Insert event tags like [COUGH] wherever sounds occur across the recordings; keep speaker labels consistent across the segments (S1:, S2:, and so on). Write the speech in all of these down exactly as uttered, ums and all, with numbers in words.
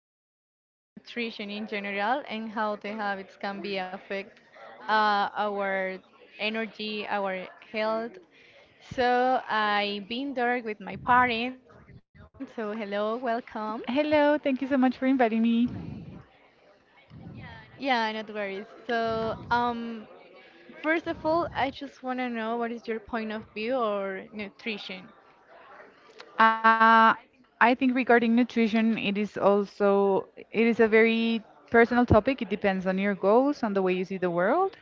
S1: talk about nutrition in general and how the habits can be affect uh, our energy, our health. So I've been there with my parents. So hello, welcome.
S2: Hello, thank you so much for inviting me.
S1: Yeah, no worries. So um, first of all, I just want to know what is your point of view or nutrition?
S2: Uh, I think regarding nutrition, it is also it is a very personal topic. It depends on your goals, on the way you see the world,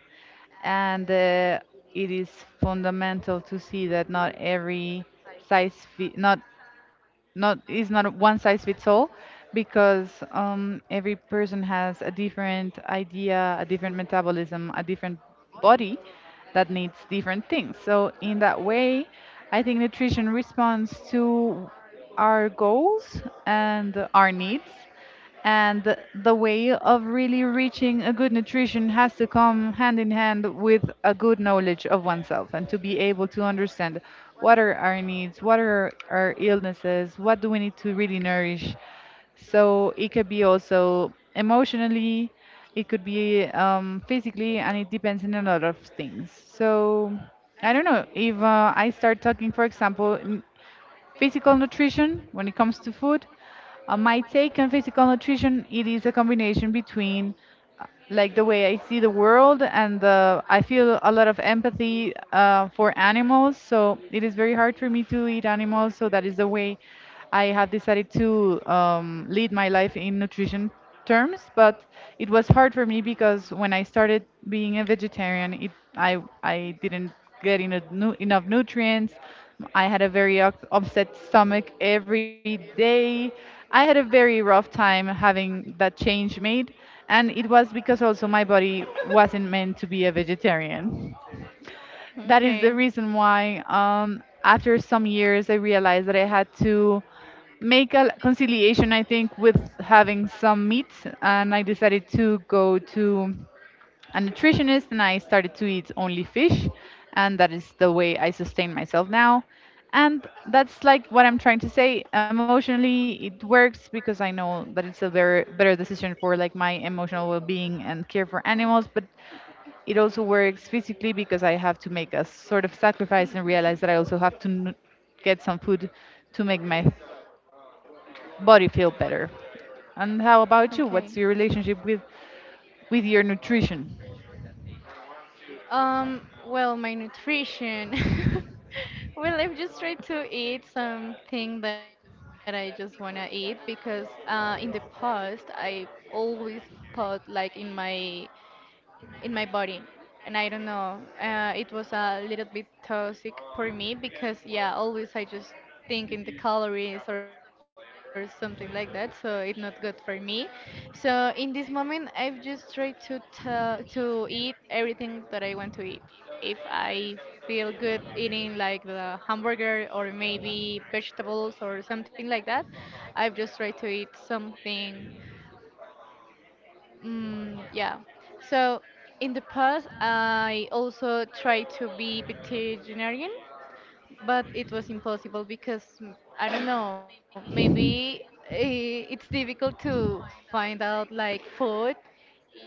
S2: and uh, it is fundamental to see that not every size fit, not not it's not a one size fits all because um, every person has a different idea, a different metabolism, a different body that needs different things. So in that way, I think nutrition responds to our goals and our needs and the way of really reaching a good nutrition has to come hand in hand with a good knowledge of oneself and to be able to understand what are our needs, what are our illnesses, what do we need to really nourish. So it could be also emotionally, it could be um, physically, and it depends on a lot of things. So I don't know if uh, I start talking, for example, n- physical nutrition when it comes to food, uh, my take on physical nutrition it is a combination between like the way I see the world, and uh, I feel a lot of empathy uh, for animals. So it is very hard for me to eat animals. So that is the way I have decided to um, lead my life in nutrition terms. But it was hard for me because when I started being a vegetarian, it I I didn't get eno- nu- enough nutrients. I had a very up- upset stomach every day. I had a very rough time having that change made, and it was because also my body wasn't meant to be a vegetarian. That is
S1: Okay.
S2: the reason why um, after some years I realized that I had to make a conciliation I think with having some meat, and I decided to go to a nutritionist and I started to eat only fish. And that is the way I sustain myself now. And that's like what I'm trying to say. Emotionally, it works because I know that it's a very better decision for like my emotional well-being and care for animals. But it also works physically because I have to make a sort of sacrifice and realize that I also have to n- get some food to make my body feel better. And how
S1: Okay.
S2: about you? What's your relationship with with your nutrition?
S1: Um, well, my nutrition. [LAUGHS] Well, I've just tried to eat something that I just want to eat because uh, in the past I always thought like in my in my body, and I don't know, uh, it was a little bit toxic for me because, yeah, always I just think in the calories or something like that, so it's not good for me. So in this moment, I've just tried to t- to eat everything that I want to eat, if I feel good eating like the hamburger or maybe vegetables or something like that. I've just tried to eat something. Mm, yeah. So in the past, I also tried to be vegetarian, but it was impossible because, mm, I don't know, maybe eh, it's difficult to find out like food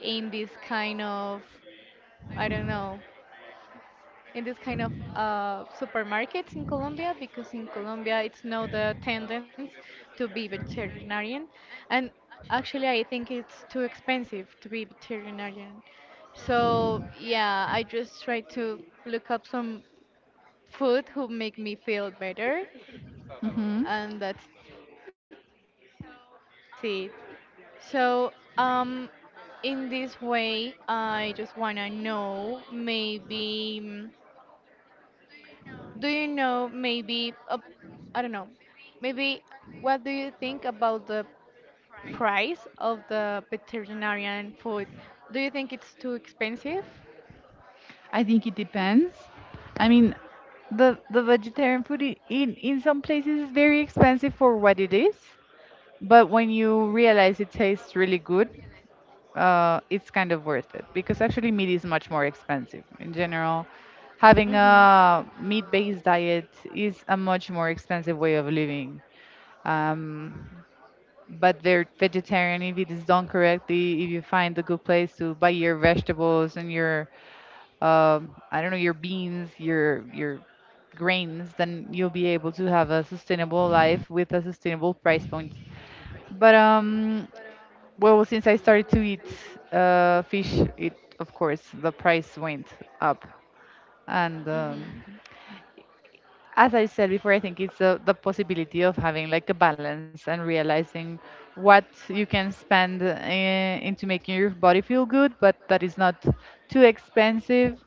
S1: in this kind of, I don't know, in this kind of uh, supermarkets in Colombia, because in Colombia it's not the tendency to be veterinarian, and actually I think it's too expensive to be veterinarian. So yeah, I just try to look up some food who make me feel better,
S2: Mm-hmm.
S1: and that's it. So um, in this way, I just wanna know maybe. mm, Do you know maybe a, I don't know. Maybe what do you think about the price of the veterinarian food? Do you think it's too expensive?
S2: I think it depends. I mean, the the vegetarian food i- in in some places is very expensive for what it is, but when you realize it tastes really good, uh, it's kind of worth it because actually meat is much more expensive in general.
S1: Mm-hmm.
S2: Having a meat-based diet is a much more expensive way of living. Um, but they're vegetarian if it is done correctly, if you find a good place to buy your vegetables and your um, I don't know, your beans, your your grains, then you'll be able to have a sustainable life with a sustainable price point. But um, well, since I started to eat uh, fish, it of course the price went up. And um,
S1: Mm-hmm.
S2: as I said before, I think it's uh, the possibility of having like a balance and realizing what you can spend uh, into making your body feel good, but that is not too expensive.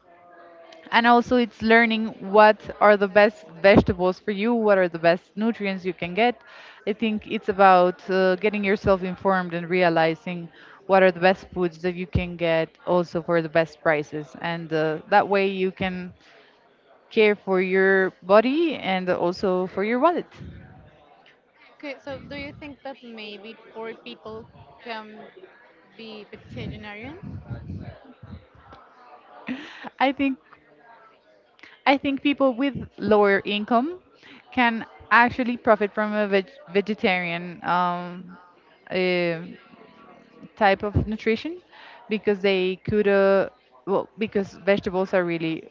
S2: And also, it's learning what are the best vegetables for you, what are the best nutrients you can get. I think it's about uh, getting yourself informed and realizing what are the best foods that you can get also for the best prices. And uh, that way, you can care for your body and also for your wallet.
S1: Okay, so do you think that maybe poor people can be veterinarian?
S2: I think I think people with lower income can actually profit from a veg- vegetarian um, uh, type of nutrition because they could uh, well, because vegetables are really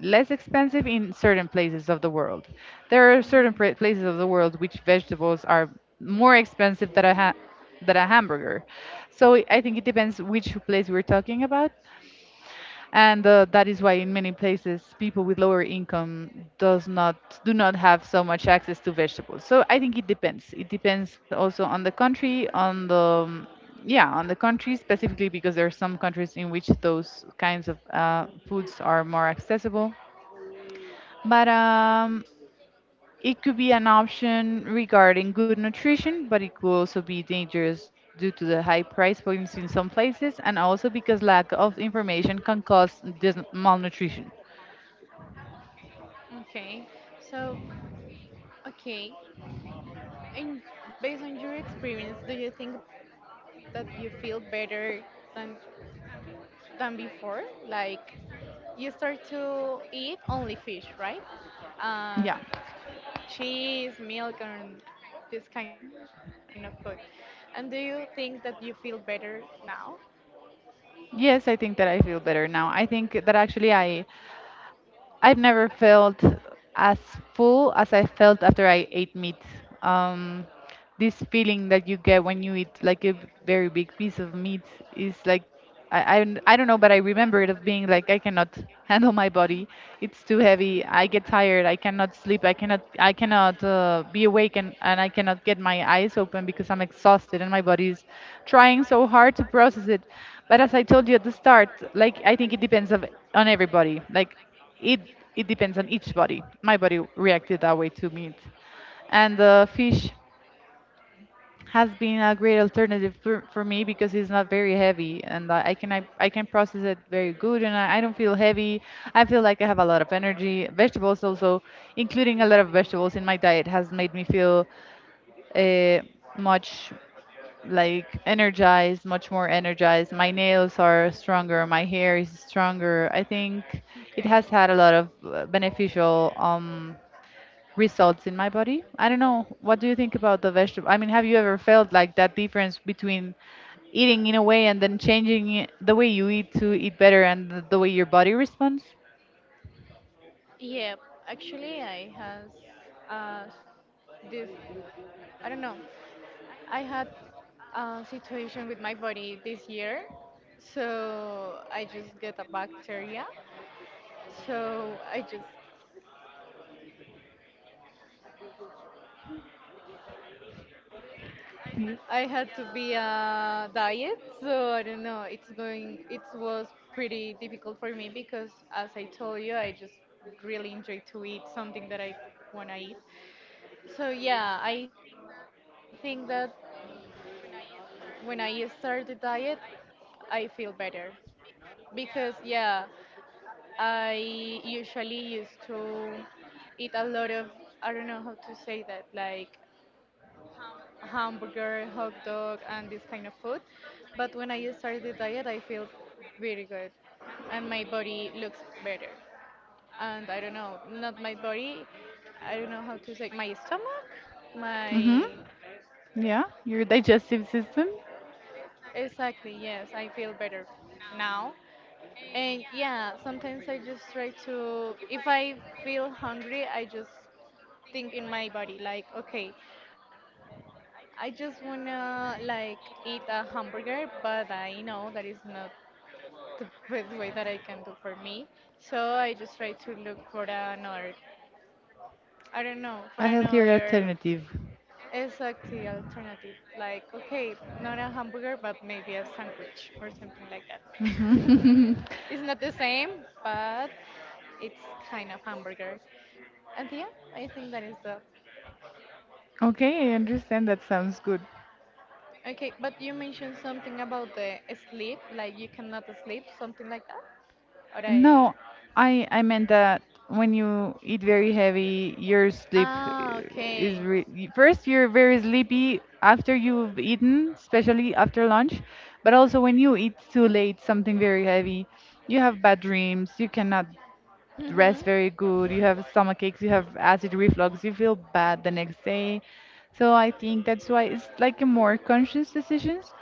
S2: less expensive in certain places of the world. There are certain pra- places of the world which vegetables are more expensive than a ha- than a hamburger, so i I think it depends which place we're talking about. And uh, that is why in many places people with lower income does not do not have so much access to vegetables. So I think it depends it depends also on the country, on the um, yeah, on the country specifically because there are some countries in which those kinds of uh, foods are more accessible. But um it could be an option regarding good nutrition, but it could also be dangerous due to the high price points in some places and also because lack of information can cause dis- malnutrition.
S1: Okay, so, okay, and based on your experience, do you think that you feel better than than before? Like, you start to eat only fish, right? And
S2: Yeah.
S1: cheese, milk, and this kind of food. And do you think that you feel better now?
S2: Yes, I think that I feel better now. I think that actually I I've never felt as full as I felt after I ate meat. Um, this feeling that you get when you eat like a very big piece of meat is like I, I, don't- I don't know, but I remember it of being like I cannot handle my body. It's too heavy. I get tired. I cannot sleep. I cannot I cannot uh, be awake, and, and I cannot get my eyes open because I'm exhausted and my body is trying so hard to process it. But as I told you at the start, like I think it depends of on everybody. Like it it depends on each body. My body reacted that way to meat, and uh, fish has been a great alternative for, for me because it's not very heavy and I I can I, I can process it very good and I, I don't feel heavy. I feel like I have a lot of energy. Vegetables also, including a lot of vegetables in my diet, has made me feel uh, much like energized, much more energized. My nails are stronger, my hair is stronger. I think it has had a
S1: Okay.
S2: lot of uh, beneficial um results in my body. I don't know. What do you think about the vegetable? I mean, have you ever felt like that difference between eating in a way and then changing it- the way you eat to eat better and the the way your body responds?
S1: Yeah, actually, I has uh, this. I don't know. I had a situation with my body this year, so I just get a bacteria. So I just I
S2: Mm.
S1: had to be a diet. So I don't know. It's going. It was pretty difficult for me because, as I told you, I just really enjoy to eat something that I wanna eat. So yeah, I think that when I start the diet, I feel better because, yeah, I usually used to eat a lot of, I don't know how to say that, like hamburger, hot dog, and this kind of food. But when I started the diet, I feel very good and my body looks better. And I don't know, not my body, I don't know how to say, my stomach,
S2: Mhm.
S1: my,
S2: Yeah, your digestive system.
S1: exactly, yes, I feel better now. And yeah, sometimes I just try to, if I feel hungry, I just thing in my body like, okay, I just wanna like eat a hamburger, but I know that is not the best way that I can do for me. So I just try to look for another, I don't know,
S2: A
S1: for
S2: healthier
S1: another
S2: alternative.
S1: exactly alternative, like, okay, not a hamburger but maybe a sandwich or something like that.
S2: Hmm. [LAUGHS]
S1: [LAUGHS] It's not the same, but it's kind of hamburger. And yeah, I think that is the.
S2: Okay, I understand. That sounds good.
S1: Okay, but you mentioned something about the sleep, like you cannot sleep, something like that? Or I.
S2: No, I I meant that when you eat very heavy, your sleep uh,
S1: Ah,
S2: is
S1: okay.
S2: re y- first you're very sleepy after you've eaten, especially after lunch, but also when you eat too late, something very heavy, you have bad dreams. You cannot rest very good,
S1: Mm-hmm.
S2: you have stomach aches, you have acid reflux, you feel bad the next day. So I think that's why it's like a more conscious decisions.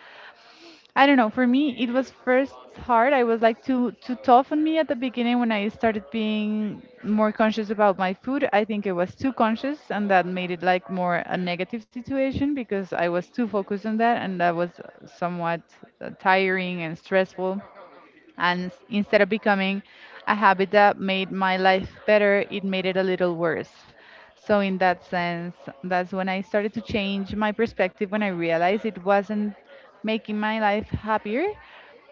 S2: I don't know, for me it was first hard. I was like too too tough on me at the beginning when I started being more conscious about my food. I think I was too conscious and that made it like more a negative situation because I was too focused on that, and that was somewhat uh, tiring and stressful, and s- instead of becoming a habit that made my life better, it made it a little worse. So, in that sense, that's when I started to change my perspective, when I realized it wasn't making my life happier.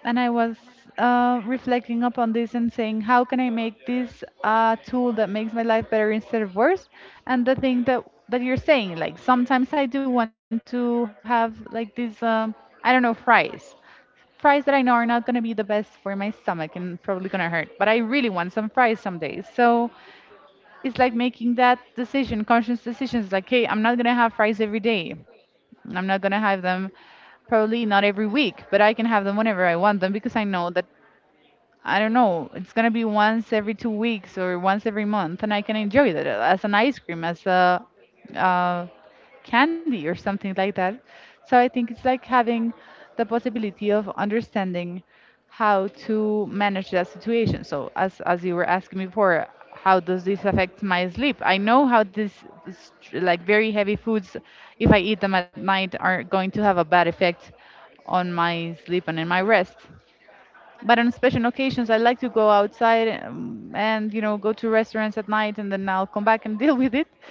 S2: And I was uh, reflecting upon this and saying, how can I make this a tool that makes my life better instead of worse? And the thing that that you're saying, like sometimes I do want to have like this, um, I don't know, fries fries that I know are not going to be the best for my stomach and probably going to hurt, but I really want some fries some days. So it's like making that decision, conscious decisions like, hey, I'm not going to have fries every day. I'm not going to have them probably not every week, but I can have them whenever I want them because I know that. I don't know. It's gonna be once every two weeks or once every month, and I can enjoy that as an ice cream, as a uh, candy or something like that. So I think it's like having the possibility of understanding how to manage that situation. So as as you were asking me before, how does this affect my sleep? I know how this s- like very heavy foods, if I eat them at night, are going to have a bad effect on my sleep and in my rest. But on special occasions I like to go outside um, and you know go to restaurants at night and then I'll come back and [LAUGHS] deal with it.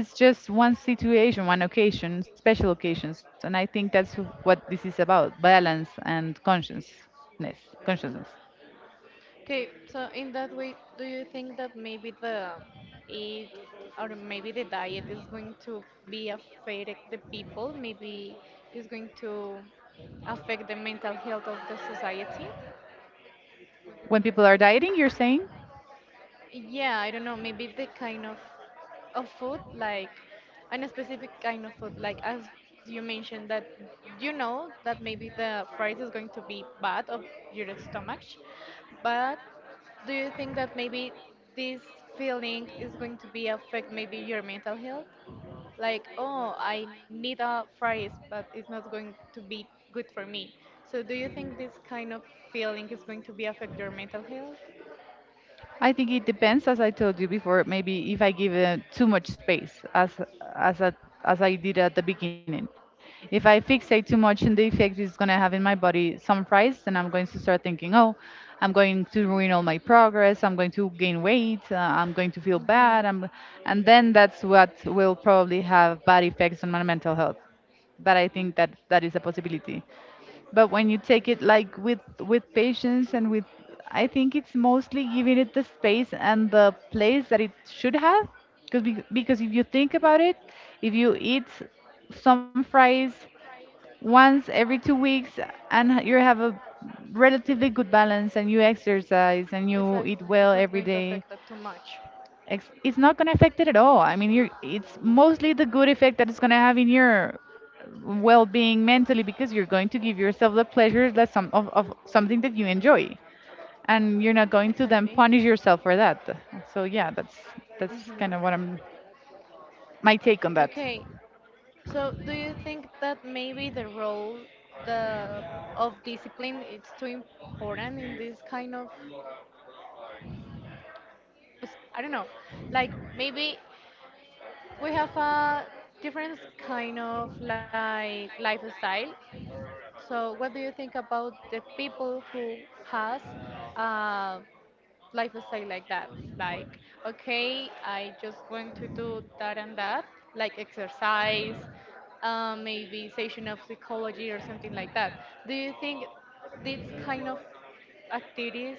S2: But it's just one situation, one occasion, special occasions, and I think that's what this is about: balance and consciousness consciousness
S1: Okay, so in that way, do you think that maybe the eat or maybe the diet is going to be affecting the people? Maybe it's going to affect the mental health of the society?
S2: When people are dieting, you're saying?
S1: Yeah, I don't know, maybe the kind of of food, like and a specific kind of food, like as you mentioned that you know that maybe the fries is going to be bad of your stomach, but do you think that maybe this feeling is going to be affect maybe your mental health? Like, oh, I need a fries, but it's not going to be good for me. So do you think this kind of feeling is going to be affect your mental health?
S2: I think it depends, as I told you before. Maybe if I give it too much space, as as I, as I did at the beginning, if I fixate too much on the effect it's gonna have in my body some price, then I'm going to start thinking, oh, I'm going to ruin all my progress. I'm going to gain weight. Uh, I'm going to feel
S1: Hmm.
S2: bad. I'm, And then that's what will probably have bad effects on my mental health. But I think that that is a possibility, but when you take it like with with patience and with, I think it's mostly giving it the space and the place that it should have. Because because if you think about it, if you eat some fries once every two weeks and h- you have a relatively good balance and you exercise and
S1: Exactly.
S2: you eat
S1: It's not
S2: well
S1: going to
S2: every
S1: affect
S2: day.
S1: that too much.
S2: Ex- It's not gonna affect it at all. I mean, you're, it's mostly the good effect that it's gonna have in your well-being mentally, because you're going to give yourself the pleasure that some of, of something that you enjoy, and you're
S1: Exactly.
S2: not going to then punish yourself for that. So yeah, that's
S1: Hmm.
S2: that's kind of what I'm my take on
S1: Okay,
S2: that.
S1: so do you think that maybe the role the of discipline it's too important in this kind of s- I don't know, like maybe we have a different kind of like lifestyle. So what do you think about the people who has uh, lifestyle like that. Like, okay, I just want to do that and that, like exercise, uh, maybe session of psychology or something like that. Do you think these kind of activities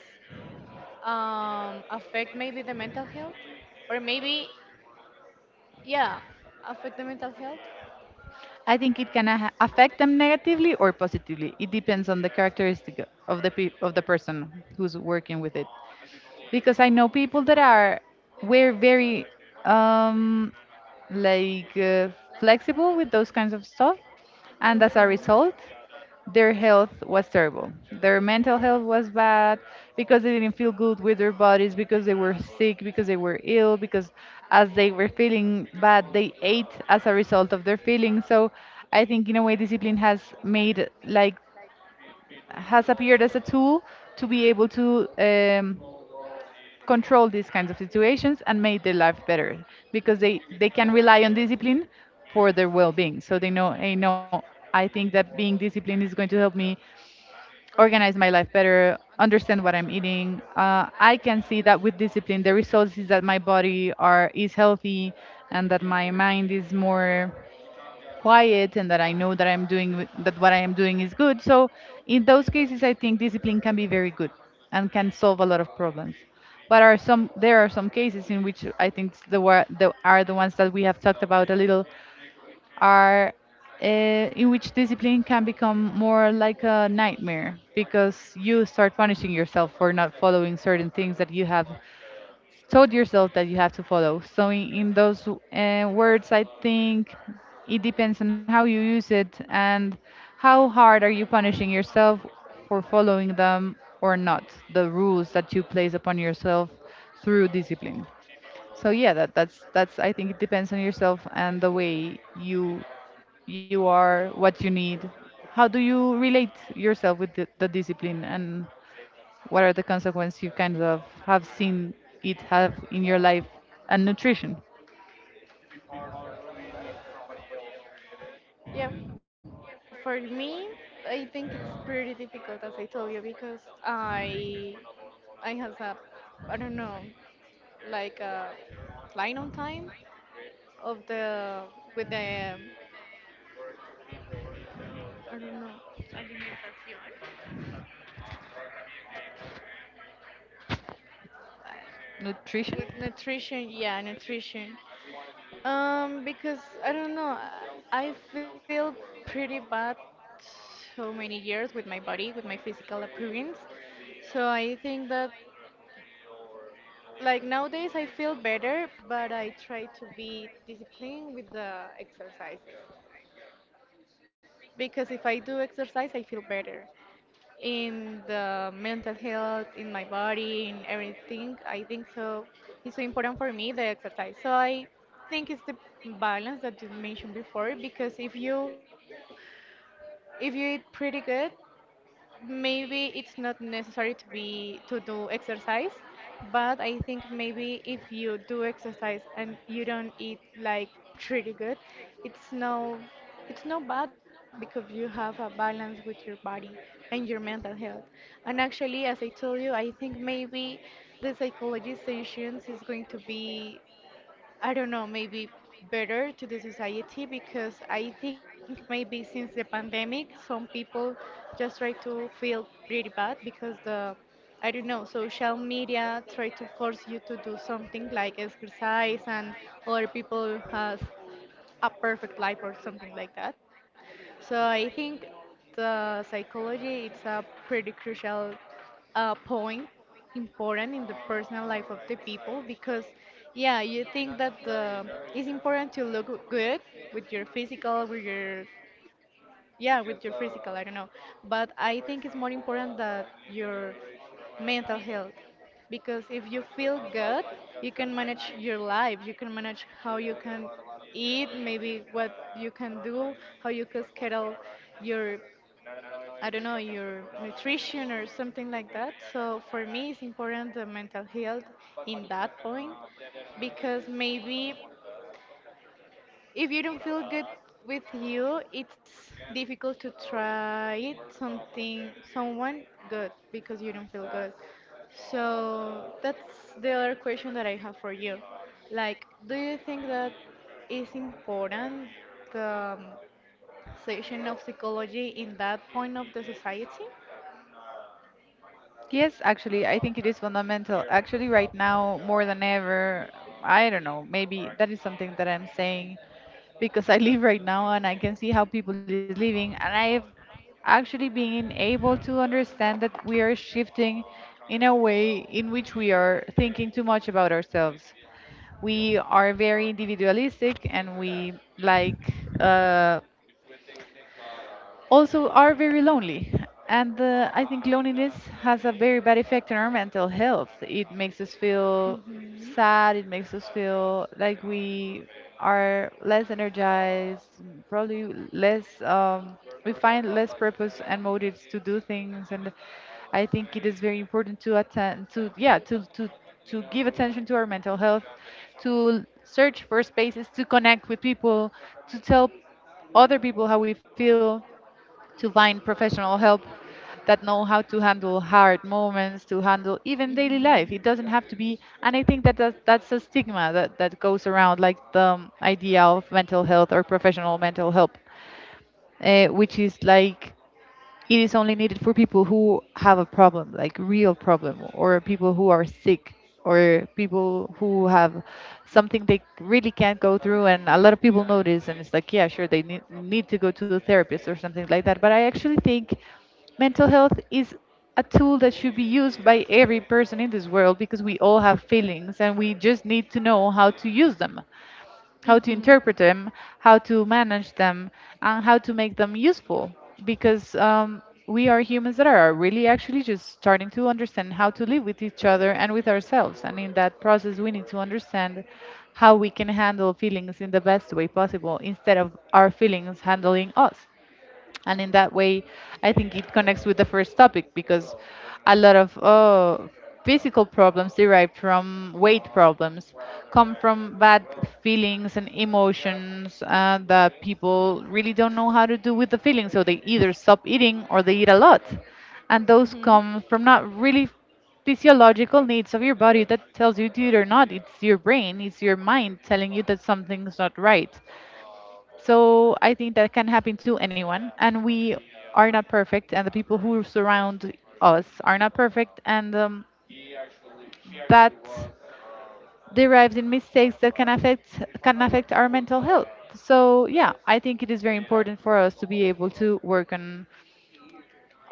S1: um, affect maybe the mental health? Or maybe, yeah, affect the mental health?
S2: I think it can a- affect them negatively or positively. It depends on the characteristic of the pe- of the person who's working with it. Because I know people that are we're very um like uh, flexible with those kinds of stuff, and
S1: Mhm.
S2: as a result, their health was terrible. Their mental health was bad because they didn't feel good with their bodies, because they were sick, because they were ill, because as they were feeling bad, they ate as a result of their feelings. So I think in a way, discipline has made like, has appeared as a tool to be able to um, control these kinds of situations and make their life better, because they they can rely on discipline for their well-being, so they know, hey, no, I think that being disciplined is going to help me organize my life better, understand what I'm eating. uh, I can see that with discipline the results is that my body are is healthy and that my mind is more quiet, and that I know that I'm doing with- that what I am doing is good. So in those cases, I think discipline can be very good and can solve a lot of problems. But are some There are some cases in which I think s- the, wor- the are the ones that we have talked about a little, are uh, in which discipline can become more like a nightmare, because you start punishing yourself for not following certain things that you have told yourself that you have to follow. So in, in those uh, words, I think it depends on how you use it and how hard are you punishing yourself for following them or not, the rules that you place upon yourself through discipline. So yeah, that, that's that's I think it depends on yourself and the way you you are, what you need. How do you relate yourself with the, the discipline, and what are the consequences you kind of have seen it have in your life and nutrition?
S1: Yeah, for me, I think it's pretty difficult, as I told you, because I I has a, I don't know, like uh, line on time of the with the I don't know
S2: Nutrition?
S1: with nutrition. Yeah, nutrition. Um, because I don't know, I I feel pretty bad so many years with my body, with my physical appearance. So I think that like nowadays I feel better, but I try to be disciplined with the exercises, because if I do exercise, I feel better, in the mental health, in my body, in everything. I think so. It's so important for me the exercise. So I think it's the balance that you mentioned before, because if you if you eat pretty good, maybe it's not necessary to be to do exercise. But I think maybe if you do exercise and you don't eat like pretty good, it's no it's no bad, because you have a balance with your body and your mental health. And actually, as I told you, I think maybe the psychology sessions is going to be, I don't know, maybe better to the society, because I think maybe since the pandemic, some people just try to feel pretty bad because the, I don't know, social media try to force you to do something like exercise, and other people has a perfect life or something like that. So I think the psychology it's a pretty crucial uh, point, important in the personal life of the people, because, yeah, you think that the it's important to look good with your physical with your, yeah, with your physical, I don't know, but I think it's more important that your mental health, because if you feel good, you can manage your life, you can manage how you can eat, maybe what you can do, how you can schedule your, I don't know, your nutrition or something like that. So for me it's important the mental health in that point, because maybe if you don't feel good with you, it's difficult to try it something someone good, because you don't feel good. So that's the other question that I have for you. Like, do you think that is important the um, session of psychology in that point of the society?
S2: Yes, actually, I think it is fundamental. Actually, right now, more than ever, I don't know, maybe that is something that I'm saying because [LAUGHS] I live right now and I can see how people is living, and I've actually been able to understand that we are shifting in a way in which we are thinking too much about ourselves. We are very individualistic, and we like uh, also are very lonely. And uh, I think loneliness has a very bad effect on our mental health. It makes us feel
S1: Hmm.
S2: sad, it makes us feel like we are less energized, probably less, um, we find less purpose and motives to do things. And I think it is very important to attend, to, yeah, to, to, to give attention to our mental health, to search for spaces to connect with people, to tell other people how we feel, to find professional help that know how to handle hard moments, to handle even daily life. It doesn't have to be, and I think that that's, that's a stigma that, that goes around, like the um, idea of mental health or professional mental help, uh, which is like it is only needed for people who have a problem, like real problem, or people who are sick, or people who have something they really can't go through. And a lot of people notice, and it's like, yeah, sure, they need, need to go to a therapist or something like that. But I actually think mental health is a tool that should be used by every person in this world, because we all have feelings and we just need to know how to use them, how to interpret them, how to manage them, and how to make them useful. Because um, we are humans that are really actually just starting to understand how to live with each other and with ourselves. And in that process, we need to understand how we can handle feelings in the best way possible instead of our feelings handling us. And in that way, I think it connects with the first topic, because a lot of uh, physical problems derived from weight problems come from bad feelings and emotions, uh, that people really don't know how to do with the feelings, so they either stop eating or they eat a lot. And those come from not really physiological needs of your body that tells you to eat or not. It's your brain, it's your mind telling you that something's not right. So I think that can happen to anyone, and we are not perfect, and the people who surround us are not perfect, and um, that derives in mistakes that can affect can affect our mental health. So yeah, I think it is very important for us to be able to work on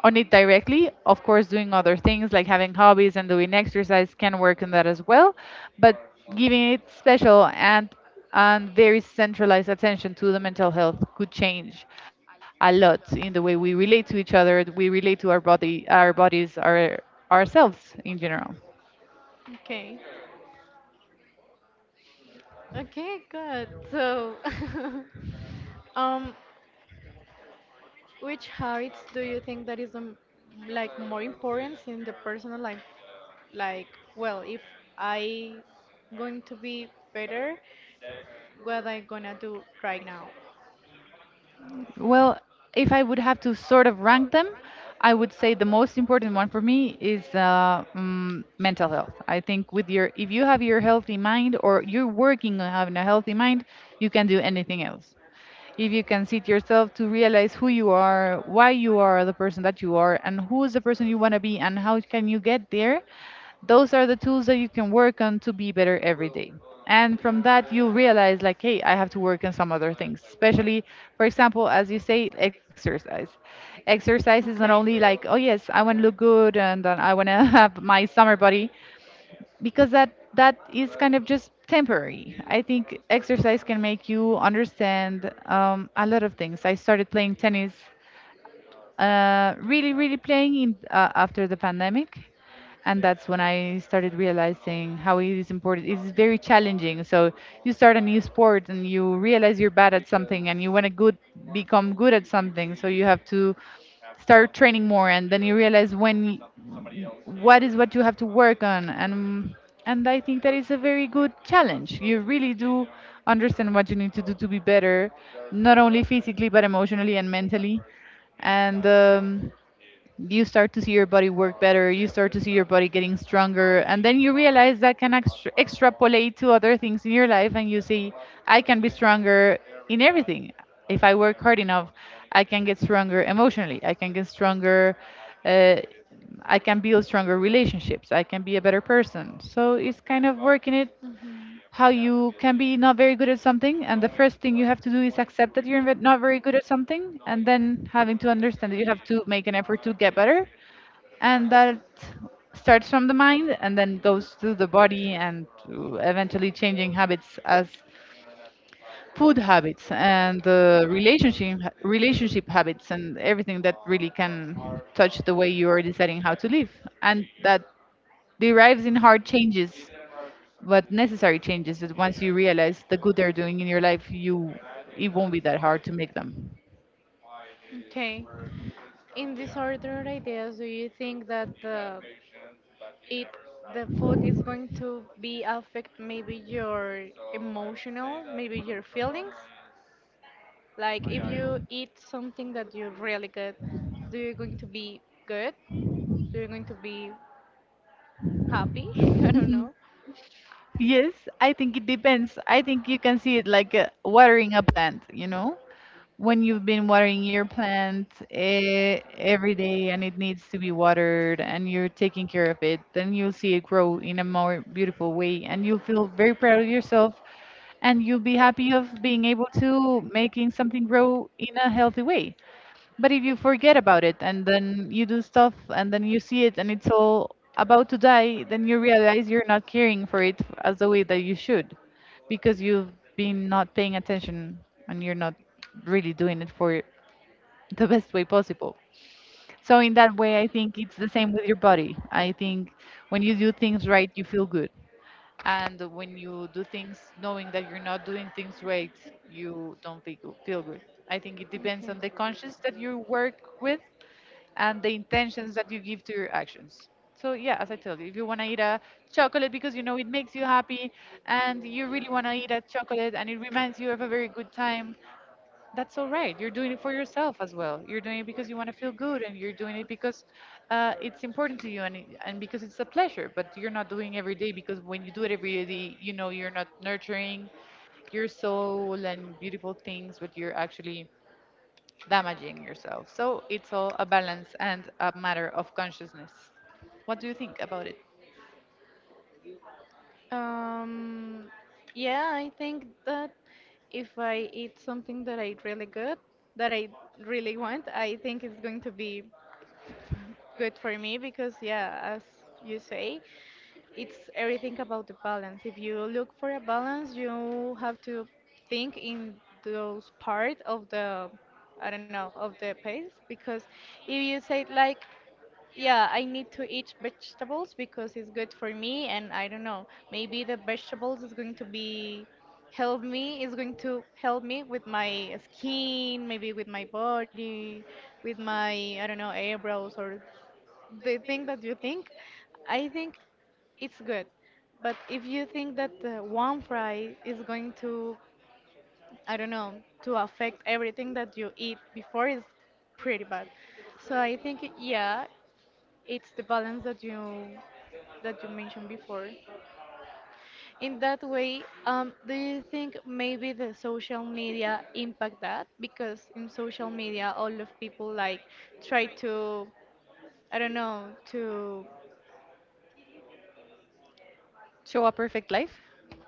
S2: on it directly. Of course, doing other things like having hobbies and doing exercise can work on that as well, but giving it special and and very centralized attention to the mental health could change a lot in the way we relate to each other, we relate to our body, our bodies, our ourselves in general.
S1: Okay. Okay, good. So, [LAUGHS] um, which habits do you think that is the m- like more important in the personal life? Like, well, if I going to be better, what I gonna do right now?
S2: Well, if I would have to sort of rank them, I would say the most important one for me is uh, mm, mental health. I think with your, if you have your healthy mind or you're working on having a healthy mind, you can do anything else. If you can sit yourself to realize who you are, why you are the person that you are, and who is the person you want to be, and how can you get there, those are the tools that you can work on to be better every day. And from that, you realize, like, hey, I have to work on some other things, especially, for example, as you say, exercise. Exercise is not
S1: Okay.
S2: only like, oh, yes, I want to look good and uh, I want to [LAUGHS] have my summer body, because that that is kind of just temporary. I think exercise can make you understand um, a lot of things. I started playing tennis uh, really, really playing in, uh, after the pandemic. And that's when I started realizing how it is important. It is very challenging. So you start a new sport and you realize you're bad at something, and you want to good become good at something. So you have to start training more, and then you realize when what is what you have to work on. And and I think that is a very good challenge. You really do understand what you need to do to be better, not only physically but emotionally and mentally, and um, you start to see your body work better, you start to see your body getting stronger, and then you realize that can extra- extrapolate to other things in your life, and you see I can be stronger in everything. If I work hard enough, I can get stronger emotionally, I can get stronger, uh, I can build stronger relationships, I can be a better person. So it's kind of working it,
S1: Mhm.
S2: how you can be not very good at something, and the first thing you have to do is accept that you're ve- not very good at something, and then having to understand that you have to make an effort to get better. And that starts from the mind and then goes to the body and to eventually changing habits, as food habits and the relationship relationship habits, and everything that really can touch the way you are deciding how to live. And that derives in hard changes, but necessary changes, that once you realize the good they're doing in your life, you, it won't be that hard to make them.
S1: Okay. In this order ideas, do you think that the it the food is going to be affect maybe your emotional, maybe your feelings? Like if you eat something that you really good, do you going to be good? Do you going to be happy? [LAUGHS] I don't know.
S2: [LAUGHS] Yes, I think it depends. I think you can see it like uh, watering a plant, you know? When you've been watering your plant eh, every day and it needs to be watered and you're taking care of it, then you'll see it grow in a more beautiful way and you'll feel very proud of yourself, and you'll be happy of being able to making something grow in a healthy way. But if you forget about it and then you do stuff and then you see it and it's all about to die, then you realize you're not caring for it f- as the way that you should, because you've been not paying attention and you're not really doing it for the best way possible. So, in that way, I think it's the same with your body. I think when you do things right, you feel good. And when you do things knowing that you're not doing things right, you don't feel good. feel good. I think it depends
S1: Okay.
S2: on the conscience that you work with and the intentions that you give to your actions. So yeah, as I told you, if you want to eat a chocolate because you know it makes you happy, and you really want to eat a chocolate and it reminds you of a very good time, that's all right. You're doing it for yourself as well. You're doing it because you want to feel good, and you're doing it because uh, it's important to you, and, it- and because it's a pleasure, but you're not doing it every day, because when you do it every day, you know you're not nurturing your soul and beautiful things, but you're actually damaging yourself. So it's all a balance and a matter of consciousness. What do you think about it?
S1: Um, yeah, I think that if I eat something that I really good, that I really want, I think it's going to be good for me, because, yeah, as you say, it's everything about the balance. If you look for a balance, you have to think in those part of the, I don't know, of the pace, because if you say like, yeah, I need to eat vegetables because it's good for me, and I don't know, maybe the vegetables is going to be help me, is going to help me with my skin, maybe with my body, with my, I don't know, eyebrows or the thing that you think. I think it's good. But if you think that uh, one fry is going to, I don't know, to affect everything that you eat before, is pretty bad. So I think, yeah, it's the balance that you that you mentioned before. In that way, um, do you think maybe the social media impact that? Because in social media, all of people like try to, I don't know, to
S2: Show a perfect life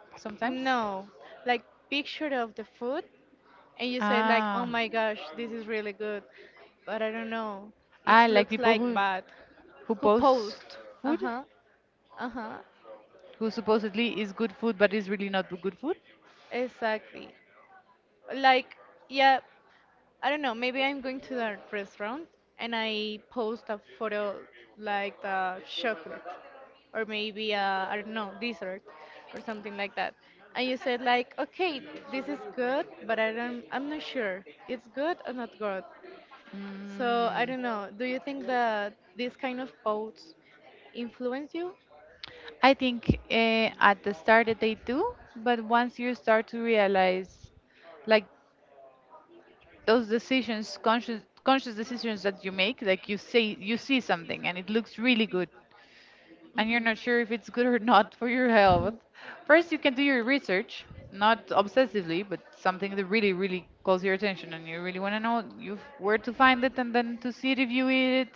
S2: sometimes?
S1: no, like picture of the food, and you say like, oh
S2: Ah,
S1: my gosh, this is really good, but I don't know, it
S2: I like
S1: looks
S2: people
S1: like
S2: who
S1: bad.
S2: who
S1: Who
S2: post
S1: post? Uh
S2: food,
S1: huh. Uh huh.
S2: who supposedly is good food but is really not good food.
S1: Exactly. Like, yeah, I don't know, maybe I'm going to that restaurant and I post a photo like the chocolate, or maybe I I don't know, dessert or something like that. And you said like, okay, this is good, but I don't, I'm not sure it's good or not good. So I
S2: Mm.
S1: don't know. Do you think that this kind of posts influence you?
S2: I think uh, at the start that they do, but once you start to realize, like, those decisions conscious conscious decisions that you make, like you say, you see something and it looks really good and you're
S1: Mhm.
S2: not sure if it's good or not [LAUGHS] for your health. First, you can do your research, not obsessively, but something that really really calls your attention and you really want to know, you f- where to find it, and then to see it if you eat it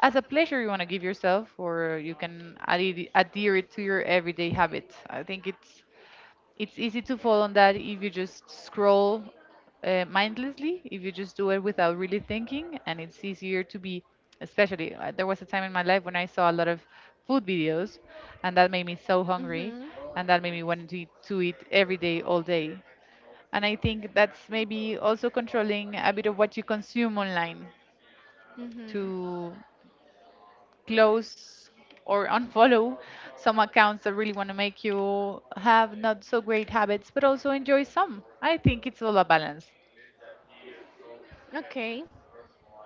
S2: as a pleasure you want to give yourself, or you can adhere, adhere it to your everyday habit. I think it's it's easy to fall on that if you just scroll uh, mindlessly, if you just do it without really thinking, and it's easier to be, especially uh, there was a time in
S1: Mhm.
S2: my life when I saw a lot of food videos, and that made me so hungry,
S1: Mhm.
S2: and that made me wanting to eat, to eat every day, all day. And I think that's maybe also controlling a bit of what you consume online,
S1: Day. Mhm.
S2: to close or unfollow some accounts that really want to make you have not so great habits, but also enjoy some. I think it's all a balance.
S1: Okay.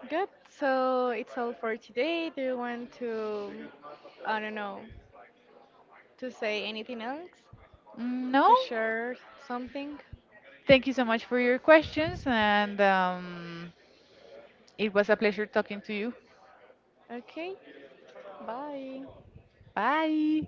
S1: Good. So it's all for today. Do you want to, I don't know, to say anything else?
S2: Mm, no?
S1: To share something?
S2: Thank you so much for your questions, and um, it was a pleasure talking to you.
S1: Okay. Bye.
S2: Bye.